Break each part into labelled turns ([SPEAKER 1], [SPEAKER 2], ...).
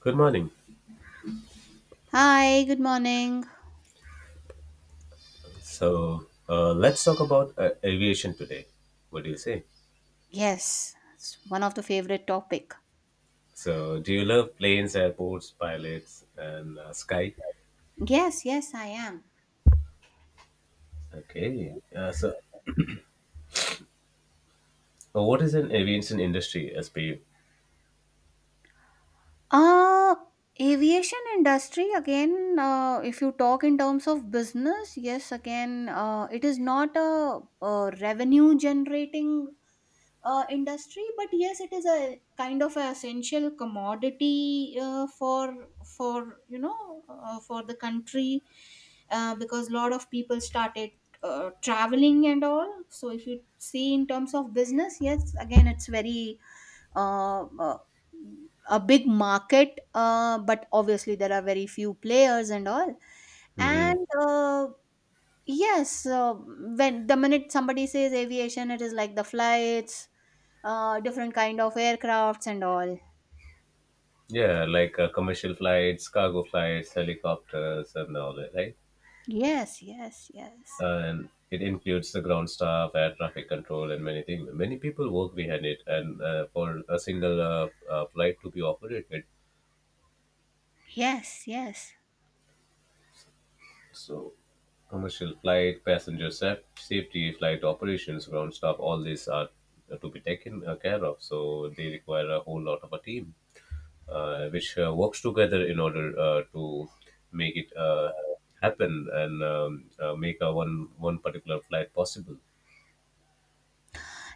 [SPEAKER 1] Good morning.
[SPEAKER 2] Hi, good morning.
[SPEAKER 1] So let's talk about aviation today. What do you say?
[SPEAKER 2] Yes, it's one of the favorite topic.
[SPEAKER 1] So, do you love planes, airports, pilots, and sky?
[SPEAKER 2] Yes, yes, I am.
[SPEAKER 1] Okay. What is an aviation industry as per you?
[SPEAKER 2] Uh Aviation industry again, if you talk in terms of business, yes, again, it is not a, a revenue generating industry, but yes, it is a kind of a essential commodity, for you know for the country, because a lot of people started traveling and all. So if you see in terms of business, yes, again, it's very uh, uh, a big market, but obviously there are very few players and all,
[SPEAKER 1] hmm
[SPEAKER 2] and yes, when the minute somebody says aviation, it is like the flights, different kind of aircrafts and all.
[SPEAKER 1] Yeah, like commercial flights, cargo flights, helicopters, and all that, right?
[SPEAKER 2] Yes, yes, yes,
[SPEAKER 1] And it includes the ground staff, air traffic control, and many things. Many people work behind it, and for a single flight to be operated,
[SPEAKER 2] yes, yes.
[SPEAKER 1] so, commercial flight, safety, flight operations, ground staff, all these are to be taken care of. So, they require a whole lot of a team which works together in order to make it happen and make a one particular flight possible.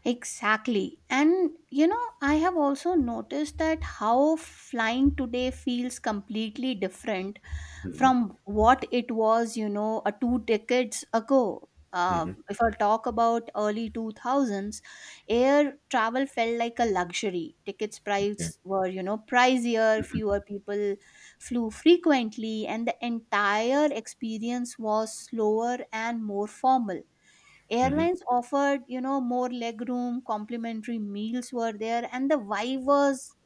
[SPEAKER 2] Exactly. And I have also noticed that how flying today feels completely different
[SPEAKER 1] Mhm.
[SPEAKER 2] from what it was, a two decades ago. If I talk about early 2000s, air travel felt like a luxury. Tickets
[SPEAKER 1] Okay.
[SPEAKER 2] price were, pricier, fewer people flew frequently, and the entire experience was slower and more formal. Airlines offered, more legroom, complimentary meals were there, and the vibe was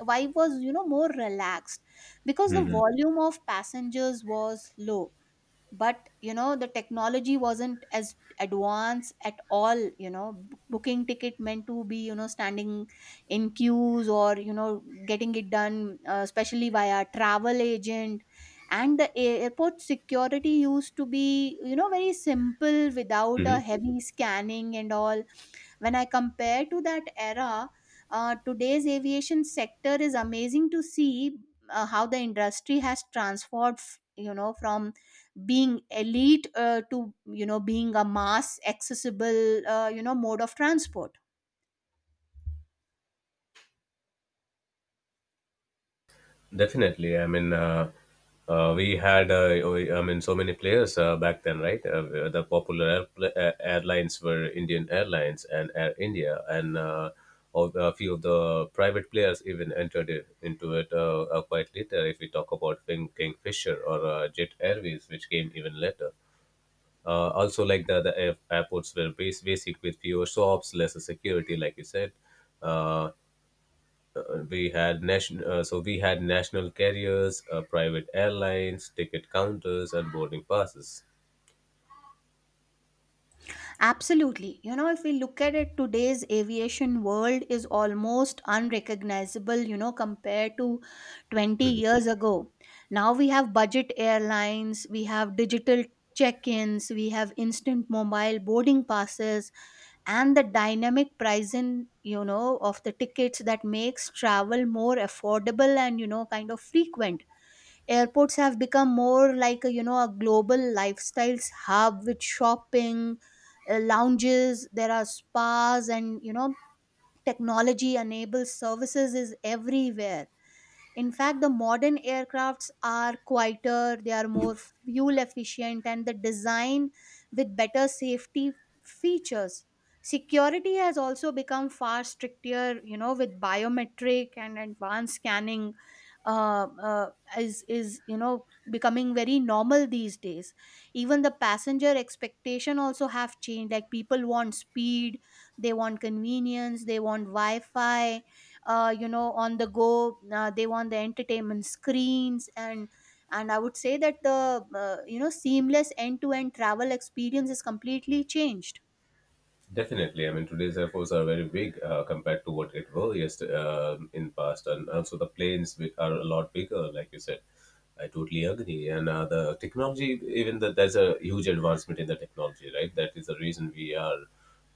[SPEAKER 2] vibe was more relaxed because the
[SPEAKER 1] Hmm.
[SPEAKER 2] volume of passengers was low. But the technology wasn't as advanced at all. Booking ticket meant to be, standing in queues, or getting it done, especially via travel agent. And the airport security used to be, very simple, without a
[SPEAKER 1] Hmm.
[SPEAKER 2] heavy scanning and all. When I compare to that era, today's aviation sector is amazing to see, how the industry has transformed, from being elite, to being a mass accessible, mode of transport.
[SPEAKER 1] Definitely. I mean, we had, we- I mean, so many players back then, right? The popular airlines were Indian Airlines and Air India, and all, a few of the private players even entered it, into it quite later. If we talk about Kingfisher or Jet Airways, which came even later. Also, like the airports were basic with fewer shops, lesser security, like you said. Uh, we had national so we had national carriers, private airlines, ticket counters, and boarding passes.
[SPEAKER 2] Absolutely. If we look at it, today's aviation world is almost unrecognizable, compared to 20 years ago. Now we have budget airlines, we have digital check ins, we have instant mobile boarding passes, and the dynamic pricing, of the tickets that makes travel more affordable and, kind of frequent. Airports have become more like a, a global lifestyles hub, with shopping, lounges, there are spas, and technology enabled services is everywhere. In fact, the modern aircrafts are quieter, they are more fuel efficient, and the design with better safety features. Security has also become far stricter, with biometric and advanced scanning, uh, uh, is becoming very normal these days. Even the passenger expectation also have changed. Like, people want speed, they want convenience, they want Wi-Fi, on the go, they want the entertainment screens, and I would say that the, seamless end to end travel experience is completely changed.
[SPEAKER 1] Definitely. I mean, today's airports are very big compared to what it was, yes, in past, and also the planes are a lot bigger, like you said. I totally agree. And the technology, even that there's a huge advancement in the technology, right? That is the reason we are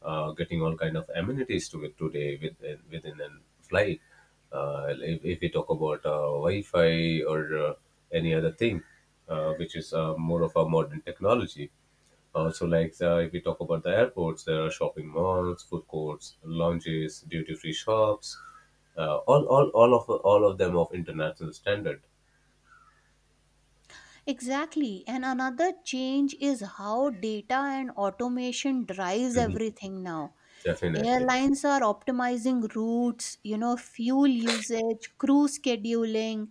[SPEAKER 1] getting all kind of amenities to it today within a flight. If we talk about Wi-Fi or any other thing, which is more of a modern technology. If we talk about the airports, there are shopping malls, food courts, lounges, duty-free shops, all of them of international standard.
[SPEAKER 2] Exactly. And another change is how data and automation drives
[SPEAKER 1] Mhm.
[SPEAKER 2] everything now.
[SPEAKER 1] Definitely.
[SPEAKER 2] Airlines are optimizing routes, fuel usage, crew scheduling,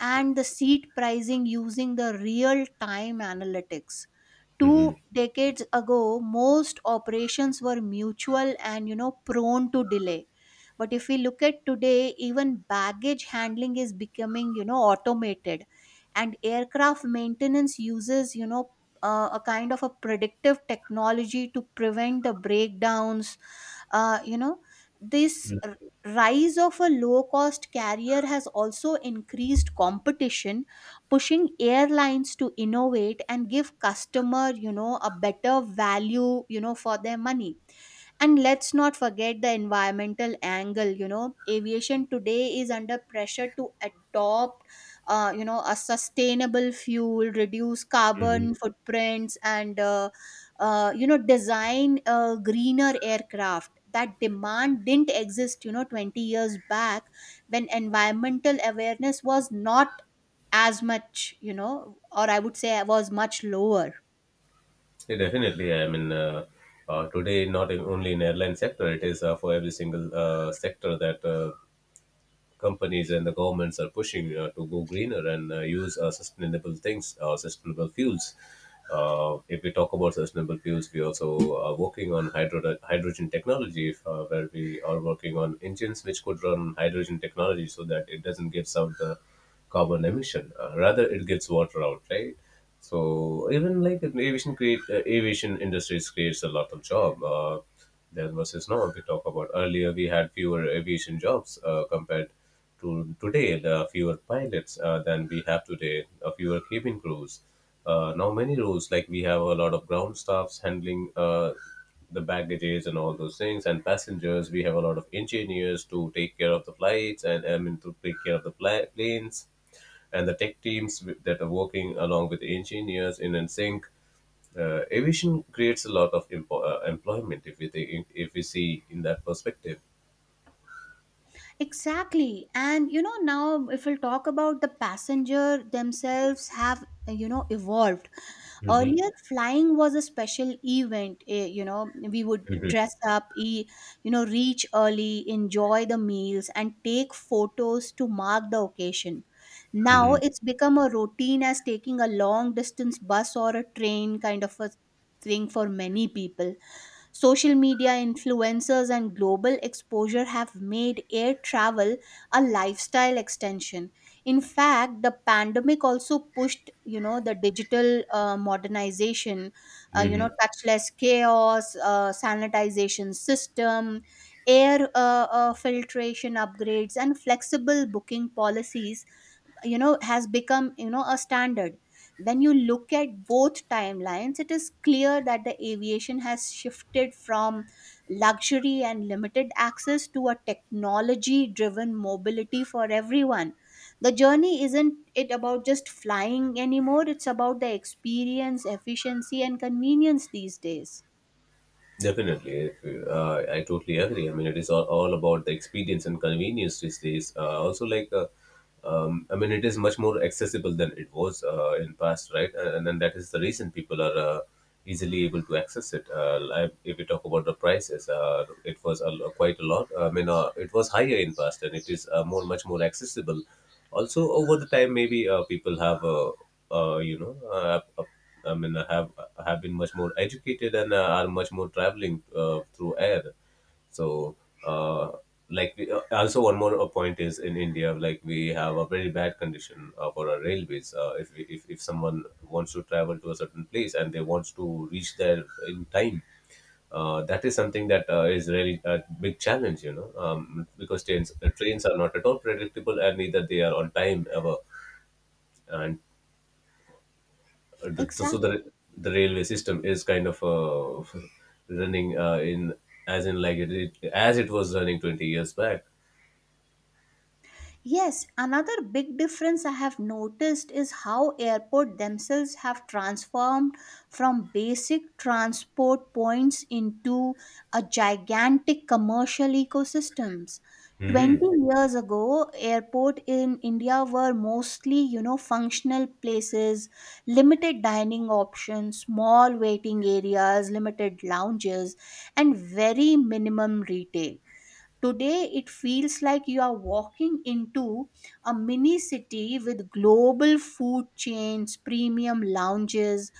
[SPEAKER 2] and the seat pricing, using the real time analytics.
[SPEAKER 1] Hmm.
[SPEAKER 2] Two decades ago, most operations were mutual and, prone to delay. But if we look at today, even baggage handling is becoming, automated, and aircraft maintenance uses, a kind of a predictive technology to prevent the breakdowns, uh, you know this rise of a low cost carrier has also increased competition, pushing airlines to innovate and give customer, a better value, for their money. And let's not forget the environmental angle. Aviation today is under pressure to adopt, a sustainable fuel, reduce
[SPEAKER 1] Hmm.
[SPEAKER 2] carbon footprints, and design, greener aircraft. That demand didn't exist, 20 years back, when environmental awareness was not as much. Or I would say was much lower.
[SPEAKER 1] Yeah, definitely. I mean, today not in, only in airline sector, it is for every single sector that companies and the governments are pushing to go greener and use sustainable things, sustainable fuels. If we talk about sustainable fuels, we also are working on hydrogen technology, where we are working on engines which could run hydrogen technology so that it doesn't give out the carbon emission. Rather, it gets water out, right? So even like in aviation industries creates a lot of job. There versus now, if we talk about earlier, we had fewer aviation jobs compared to today. There are fewer pilots than we have today. Fewer cabin crews. Now many roles, like we have a lot of ground staffs handling the baggages and all those things, and passengers. We have a lot of engineers to take care of the flights, and I mean to take care of the planes and the tech teams that are working along with the engineers in and sync. Aviation creates a lot of employment if we think, if we see in that perspective.
[SPEAKER 2] Exactly. And now if we'll talk about the passenger themselves have, evolved. Earlier, flying was a special event. You know, we would dress up, reach early, enjoy the meals, and take photos to mark the occasion. Now it's become a routine, as taking a long distance bus or a train kind of a thing for many people. Social media influencers and global exposure have made air travel a lifestyle extension. In fact, the pandemic also pushed, the digital, modernization, touchless chaos, sanitization system, air filtration upgrades, and flexible booking policies, has become, a standard. When you look at both timelines, it is clear that the aviation has shifted from luxury and limited access to a technology driven mobility for everyone. The journey isn't it about just flying anymore, it's about the experience, efficiency, and convenience these days.
[SPEAKER 1] Definitely, I totally agree. I mean, it is all about the experience and convenience these days. I mean, it is much more accessible than it was in past, right? And then that is the reason people are easily able to access it. Like, if we talk about the prices, it was a, quite a lot. I mean, it was higher in past, and it is much more accessible. Also, over the time, maybe people have, uh, you know, uh, I mean, have been much more educated and are much more traveling through air. So, uh, also one more point is in India, like we have a very bad condition for our railways. If, we, if someone wants to travel to a certain place and they wants to reach there in time, that is something that is really a big challenge, you know, because trains are not at all predictable and neither they are on time ever. And so
[SPEAKER 2] Exactly.
[SPEAKER 1] the railway system is kind of running in as in like it as it was running 20 years back.
[SPEAKER 2] Yes, another big difference I have noticed is how airport themselves have transformed from basic transport points into a gigantic commercial ecosystems.
[SPEAKER 1] Hmm.
[SPEAKER 2] 20 years ago, airport in India were mostly, functional places, limited dining options, small waiting areas, limited lounges, and very minimum retail. Today, it feels like you are walking into a mini city, with global food chains, premium lounges,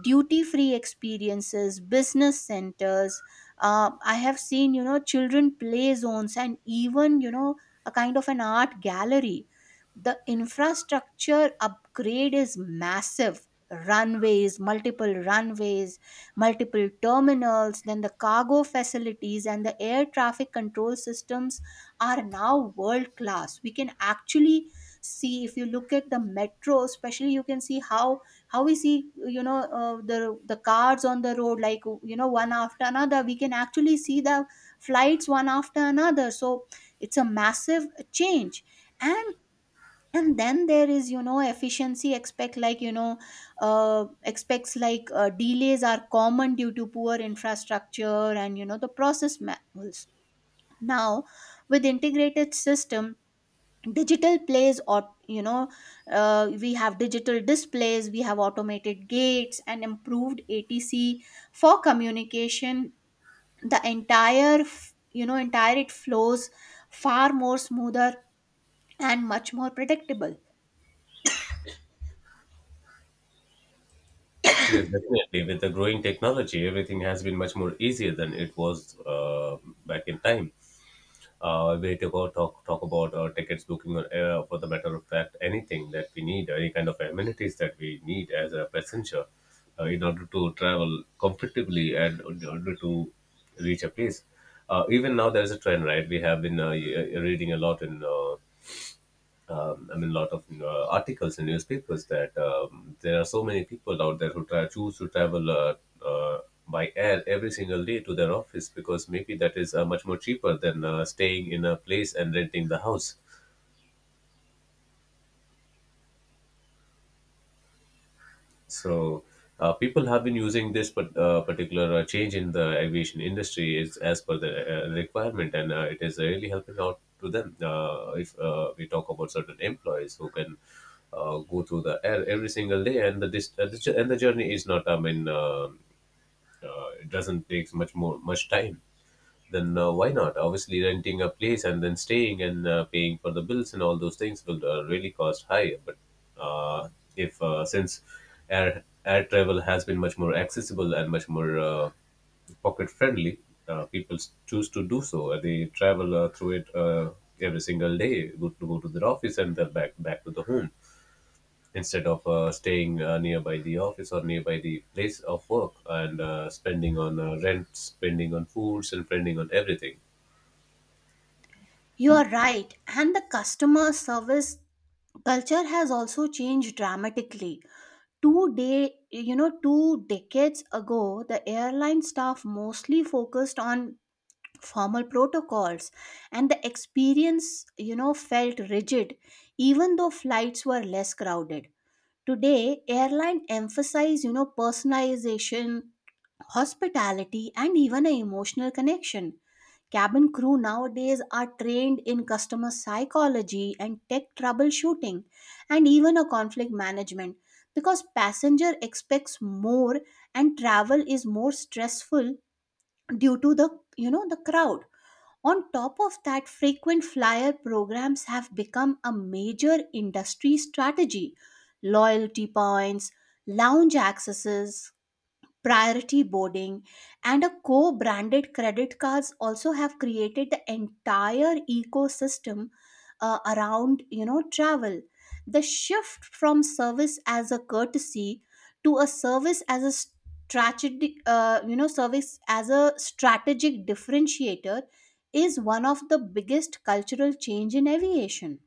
[SPEAKER 2] duty free experiences, business centers. I have seen, children play zones, and even, a kind of an art gallery. The infrastructure upgrade is massive. Runways, multiple runways, multiple terminals, then the cargo facilities, and the air traffic control systems are now world class. We can actually see, if you look at the metro, especially, you can see how we see, the cars on the road, like, one after another. We can actually see the flights one after another. So it's a massive change. and and then there is, efficiency expect like you know expects like delays are common due to poor infrastructure, and the process manuals. Now with integrated system, digital plays or you know we have digital displays, we have automated gates, and improved ATC for communication. The entire entire it flows far more smoother and much more predictable.
[SPEAKER 1] Yes, definitely, with the growing technology everything has been much more easier than it was back in time. We to go talk Talk about tickets booking or for the matter of fact anything that we need, any kind of amenities that we need as a passenger in order to travel comfortably and in order to reach a place. Even now there is a trend, right? We have been reading a lot in I mean, a lot of articles in newspapers that there are so many people out there who choose to travel uh, by air every single day to their office because maybe that is much more cheaper than staying in a place and renting the house. So people have been using this, but particular change in the aviation industry is as per the requirement, and it is really helping out to them. If we talk about certain employees who can go through the air every single day, and the dist- the jour- and the journey is not, I mean, it doesn't take much time, then why not? Obviously, renting a place and then staying and paying for the bills and all those things will really cost high. But uh, if since air travel has been much more accessible and much more pocket friendly, people choose to do so. They travel through it every single day, go to their office and then back to the home instead of staying nearby the office or nearby the place of work and spending on rent, spending on foods, and spending on everything.
[SPEAKER 2] You are right, and the customer service culture has also changed dramatically. Two day, you know, two decades ago, the airline staff mostly focused on formal protocols, and the experience, felt rigid even though flights were less crowded. Today, airline emphasize, personalization, hospitality, and even an emotional connection. Cabin crew nowadays are trained in customer psychology and tech troubleshooting, and even a conflict management, because passenger expects more and travel is more stressful due to the, the crowd. On top of that, frequent flyer programs have become a major industry strategy. Loyalty points, lounge accesses, priority boarding, and a co branded credit cards also have created the entire ecosystem, around, travel. The shift from service as a courtesy, to a service as a strategic you know service as a strategic differentiator, is one of the biggest cultural change in aviation.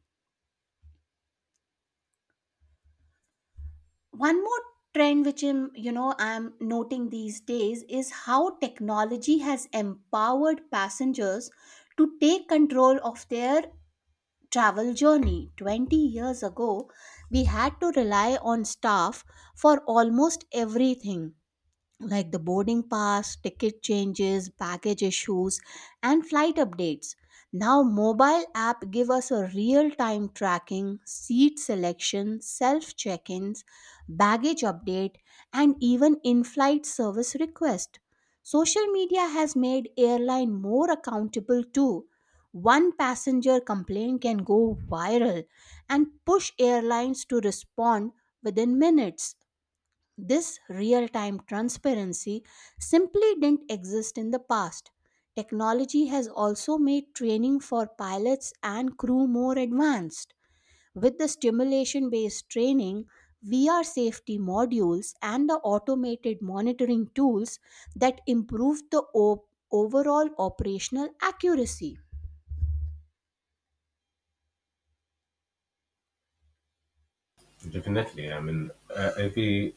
[SPEAKER 2] One more trend which I'm, you know I'm noting these days is how technology has empowered passengers to take control of their travel journey. 20 years ago, we had to rely on staff for almost everything, like the boarding pass, ticket changes, baggage issues, and flight updates. Now mobile app give us a real-time tracking, seat selection, self-check-ins, baggage update, and even in-flight service request. Social media has made airline more accountable too. One passenger complaint can go viral and push airlines to respond within minutes. This real time transparency simply didn't exist in the past. Technology has also made training for pilots and crew more advanced. With the stimulation based training, VR safety modules, and the automated monitoring tools that improve the overall operational accuracy.
[SPEAKER 1] Definitely. I mean, if we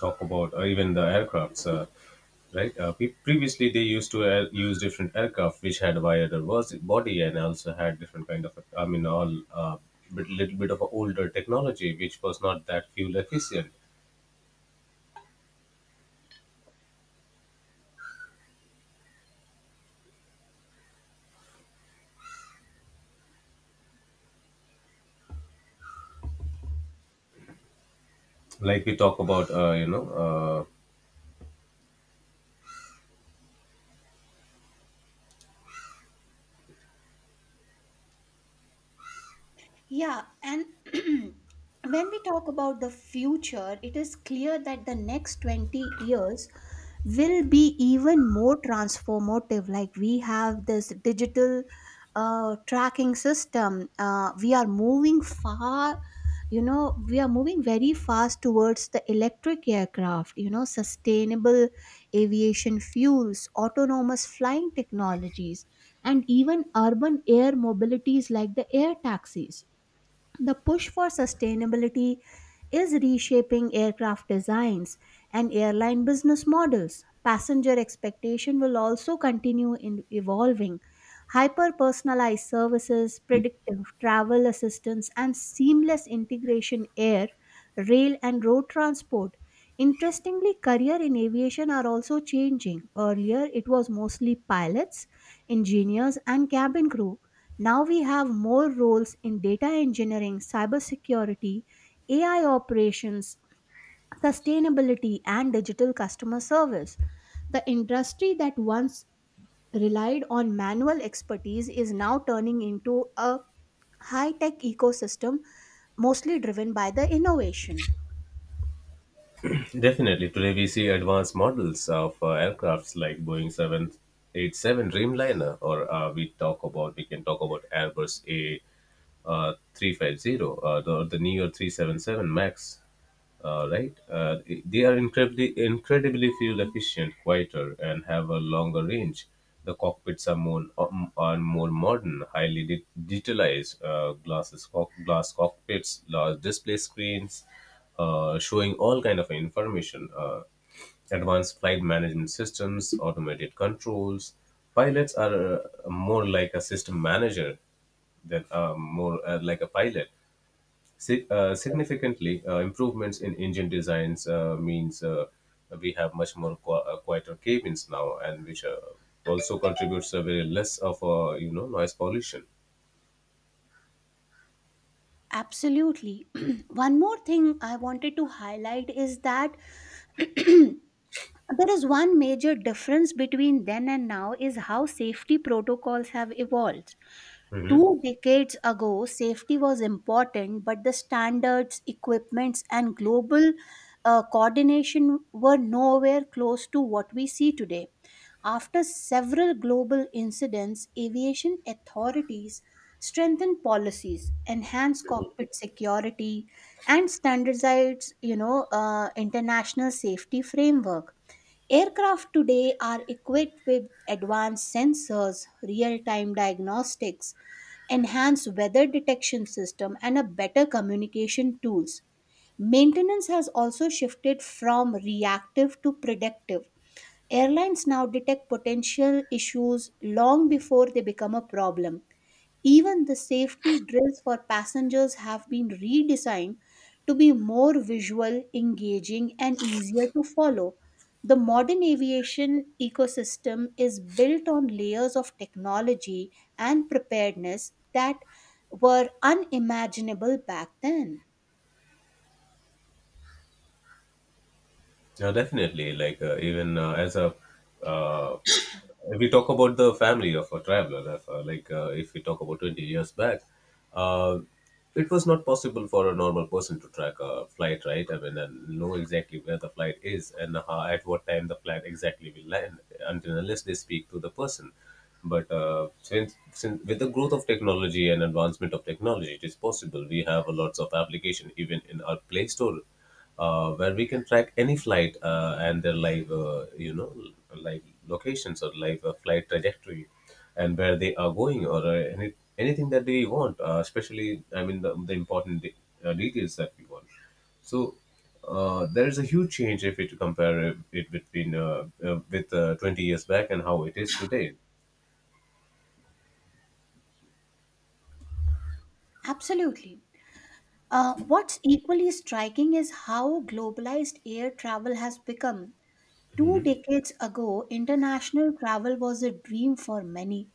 [SPEAKER 1] talk about even the aircrafts, right? Previously, they used to use different aircraft which had wider body and also had different kind of, I mean, little bit of older technology which was not that fuel efficient. Like we talk about,
[SPEAKER 2] Yeah, and when we talk about the future, it is clear that the next 20 years will be even more transformative. Like, we have this digital, tracking system, we are moving far. You know, we are moving very fast towards the electric aircraft, sustainable aviation fuels, autonomous flying technologies, and even urban air mobilities, like the air taxis. The push for sustainability is reshaping aircraft designs and airline business models. Passenger expectation will also continue in evolving. Hyper personalized services, predictive travel assistance, and seamless integration: air, rail, and road transport. Interestingly, career in aviation are also changing. Earlier, it was mostly pilots, engineers, and cabin crew. Now we have more roles in data engineering, cybersecurity, AI operations, sustainability, and digital customer service. The industry that once relied on manual expertise is now turning into a high tech ecosystem, mostly driven by the innovation.
[SPEAKER 1] definitely. Today we see advanced models of aircrafts like Boeing 787 Dreamliner, or we can talk about Airbus A 350, the Neo 377 Max, right? They are incredibly fuel efficient, quieter, and have a longer range. The cockpits are more modern, highly digitalized. Glasses, cock, glass cockpits, large display screens, showing all kind of information. Advanced flight management systems, automated controls. Pilots are more like a system manager than more like a pilot. Significantly, improvements in engine designs means we have much more quieter cabins now, and which also contributes a very less of you know noise pollution.
[SPEAKER 2] Absolutely. One more thing I wanted to highlight is that there is one major difference between then and now, is how safety protocols have evolved.
[SPEAKER 1] Mhm.
[SPEAKER 2] Two decades ago, safety was important, but the standards, equipments, and global coordination were nowhere close to what we see today. After several global incidents, aviation authorities strengthened policies, enhanced cockpit security, and standardized, international safety framework. Aircraft today are equipped with advanced sensors, real-time diagnostics, enhanced weather detection system and a better communication tools. Maintenance has also shifted from reactive to predictive. Airlines now detect potential issues long before they become a problem. Even the safety drills for passengers have been redesigned to be more visual, engaging, and easier to follow. The modern aviation ecosystem is built on layers of technology and preparedness that were unimaginable back then.
[SPEAKER 1] Yeah, definitely. Uh, if we talk about the family of a traveler, if we talk about 20 years back, uh, it was not possible for a normal person to track a flight, right? I mean, and know exactly where the flight is and how, at what time the flight exactly will land, until unless they speak to the person. But since with the growth of technology and advancement of technology, it is possible. We have a lots of application even in our Play Store, where we can track any flight and their live, live locations or live flight trajectory, and where they are going or anything that they want. Especially, I mean, the important details that we want. So there is a huge change if you compare it between with 20 years back and how it is today.
[SPEAKER 2] Absolutely. What's equally striking is how globalized air travel has become. Two
[SPEAKER 1] Mhm.
[SPEAKER 2] decades ago, international travel was a dream for many.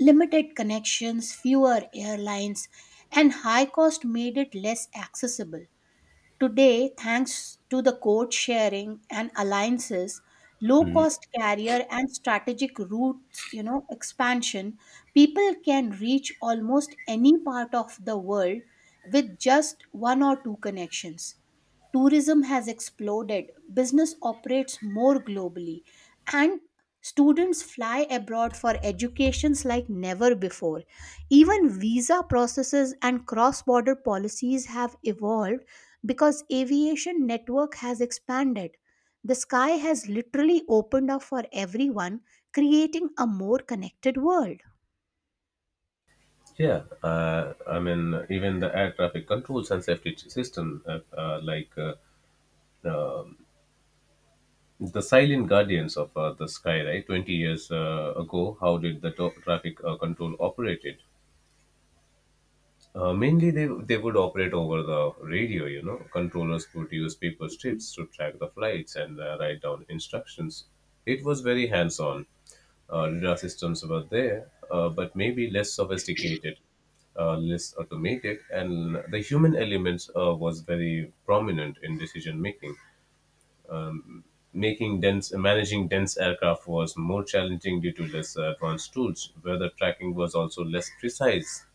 [SPEAKER 2] Limited connections, fewer airlines, and high cost made it less accessible. Today, thanks to the code sharing and alliances, low cost carrier and strategic routes, expansion, people can reach almost any part of the world with just one or two connections. Tourism has exploded, business operates more globally, and students fly abroad for educations like never before. Even visa processes and cross-border policies have evolved because aviation network has expanded. The sky has literally opened up for everyone, creating a more connected world.
[SPEAKER 1] Yeah, I mean, even the air traffic controls and safety system, uh, the silent guardians of the sky, right? 20 years ago, how did the traffic control operate it? Mainly, they would operate over the radio. Controllers would use paper strips to track the flights and write down instructions. It was very hands-on. Radar systems were there, but maybe less sophisticated, less automated, and the human element was very prominent in decision making. Managing dense aircraft was more challenging due to less advanced tools. Weather tracking was also less precise.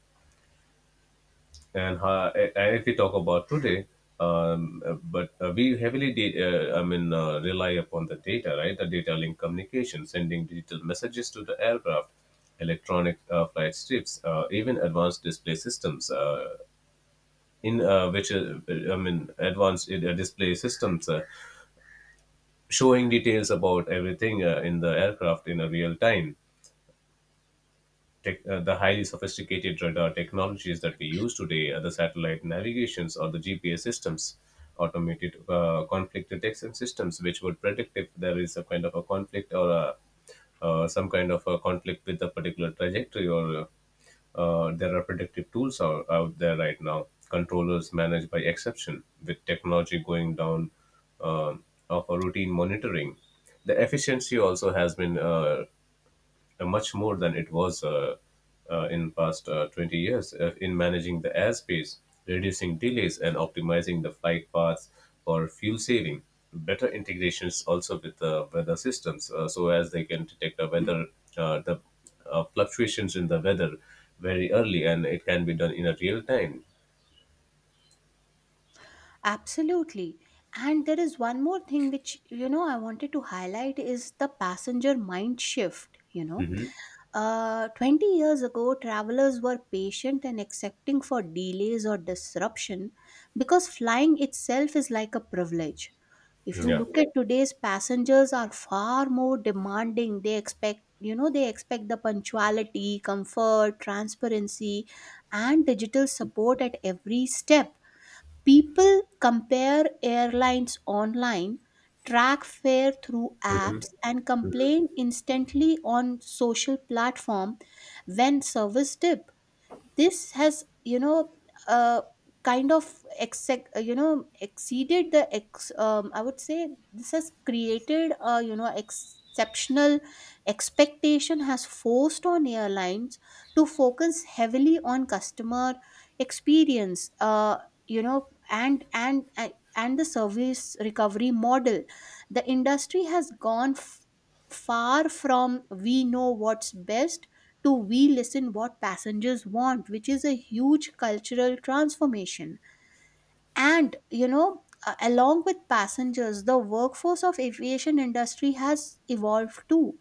[SPEAKER 1] And if we talk about today, but we heavily did, I mean, rely upon the data, right? The data link communication, sending digital messages to the aircraft, electronic flight strips, even advanced display systems. In which, I mean, advanced display systems showing details about everything in the aircraft in a real time tech, the highly sophisticated radar technologies that we use today, the satellite navigations or the GPS systems, automated conflict detection systems, which would predict if there is a kind of a conflict or some kind of a conflict with a particular trajectory or there are predictive tools out there right now. Controllers managed by exception, with technology going down um of a routine monitoring. The efficiency also has been much more than it was, in past 20 years in managing the airspace, reducing delays, and optimizing the flight paths for fuel saving. Better integrations also with the weather systems, so as they can detect the weather, the fluctuations in the weather very early, and it can be done in a real time.
[SPEAKER 2] Absolutely. And there is one more thing which, I wanted to highlight is the passenger mind shift, you know
[SPEAKER 1] Hmm.
[SPEAKER 2] Uh, 20 years ago, travelers were patient and accepting for delays or disruption because flying itself is like a privilege. If you
[SPEAKER 1] Yeah.
[SPEAKER 2] look at today's passengers are far more demanding. They expect, they expect the punctuality, comfort, transparency, and digital support at every step. People compare airlines online, track fare through apps, and complain instantly on social platform when service dips this has you know uh, Kind of exceeded the ex I would say this has created a exceptional expectation has forced on airlines to focus heavily on customer experience, and the service recovery model. The industry has gone far from we know what's best to we listen what passengers want, which is a huge cultural transformation. And along with passengers, the workforce of aviation industry has evolved too.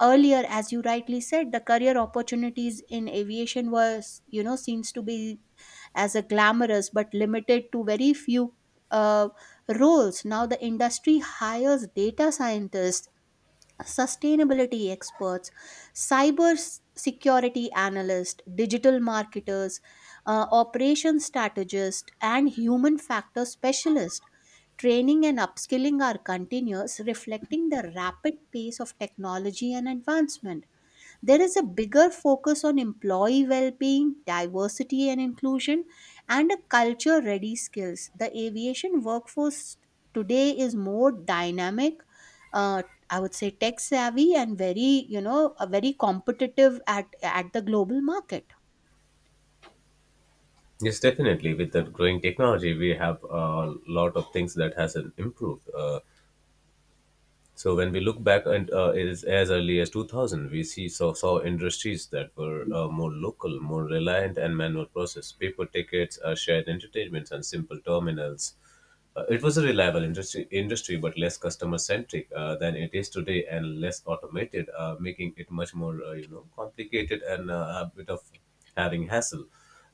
[SPEAKER 2] Earlier, as you rightly said, the career opportunities in aviation was, seems to be as a glamorous but limited to very few uh, roles. Now the industry hires data scientists, sustainability experts, security analysts, digital marketers, operation strategists, and human factor specialists. Training and upskilling are continuous, reflecting the rapid pace of technology and advancement. There is a bigger focus on employee well being, diversity and inclusion, and a culture ready skills. The aviation workforce today is more dynamic. Uh, I would say tech savvy and very, very competitive at the global market.
[SPEAKER 1] Yes, definitely. With the growing technology, we have a lot of things that has improved. So when we look back and as, early as 2000, we saw industries that were more local, more reliant and manual process. Paper tickets, shared entertainments, and simple terminals, it was a reliable industry, but less customer centric than it is today and less automated, making it much more, complicated, and a bit of having hassle.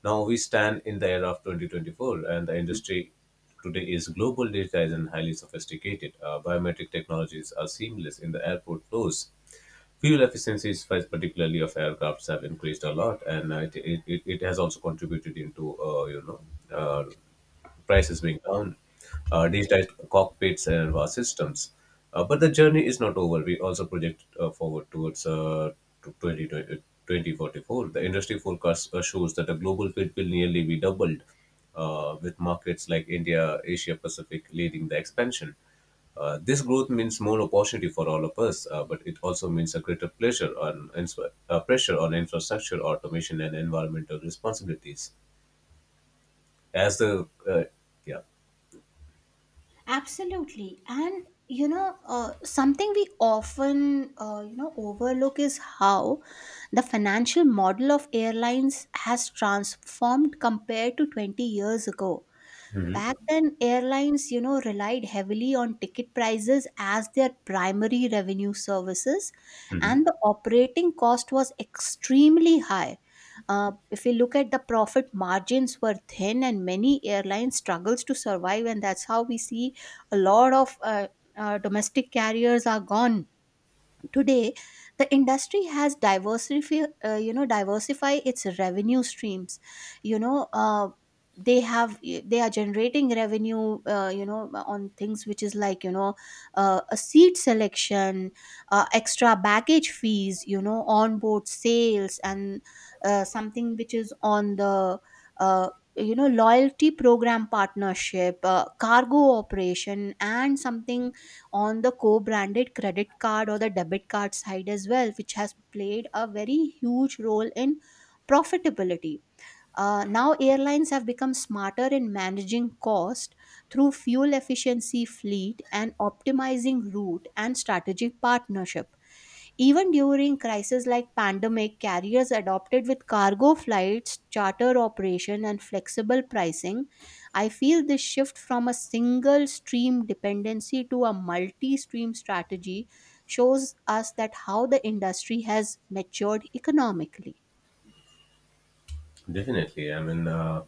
[SPEAKER 1] Now we stand in the era of 2024, and the industry today is global, digitized, and highly sophisticated. Biometric technologies are seamless in the airport flows. Fuel efficiencies, particularly of aircrafts, have increased a lot, and it has also contributed into. Uh, Prices being down, digitized cockpits and systems. But the journey is not over. We also project forward towards to twenty twenty forty four. The industry forecast shows that the global fleet will nearly be doubled, with markets like India, Asia Pacific leading the expansion. This growth means more opportunity for all of us, but it also means a greater pleasure on pressure on infrastructure, automation, and environmental responsibilities. As the Yeah.
[SPEAKER 2] Absolutely. And something we often, overlook is how the financial model of airlines has transformed compared to 20 years ago. Back then, airlines, relied heavily on ticket prices as their primary revenue services,
[SPEAKER 1] Mhm.
[SPEAKER 2] and the operating cost was extremely high. If you look at the profit margins were thin, and many airlines struggles to survive, and that's how we see a lot of domestic carriers are gone. Today, the industry has diversify its revenue streams. You know, uh, they are generating revenue, on things which is like a seat selection, extra baggage fees, onboard sales, and something which is on the uh, loyalty program partnership, cargo operation, and something on the co-branded credit card or the debit card side as well, which has played a very huge role in profitability. Now airlines have become smarter in managing cost through fuel efficiency fleet and optimizing route and strategic partnership. Even during crises like pandemic, carriers adopted with cargo flights, charter operation, and flexible pricing. I feel this shift from a single stream dependency to a multi stream strategy shows us that how the industry has matured economically.
[SPEAKER 1] Definitely. I mean, uh,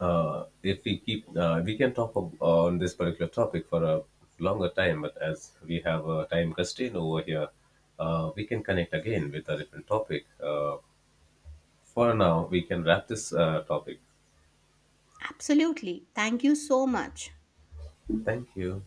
[SPEAKER 1] uh, if we can talk on this particular topic for a longer time, but as we have a time constraint over here, we can connect again with a different topic. For now, we can wrap this topic.
[SPEAKER 2] Absolutely. Thank you so much.
[SPEAKER 1] Thank you.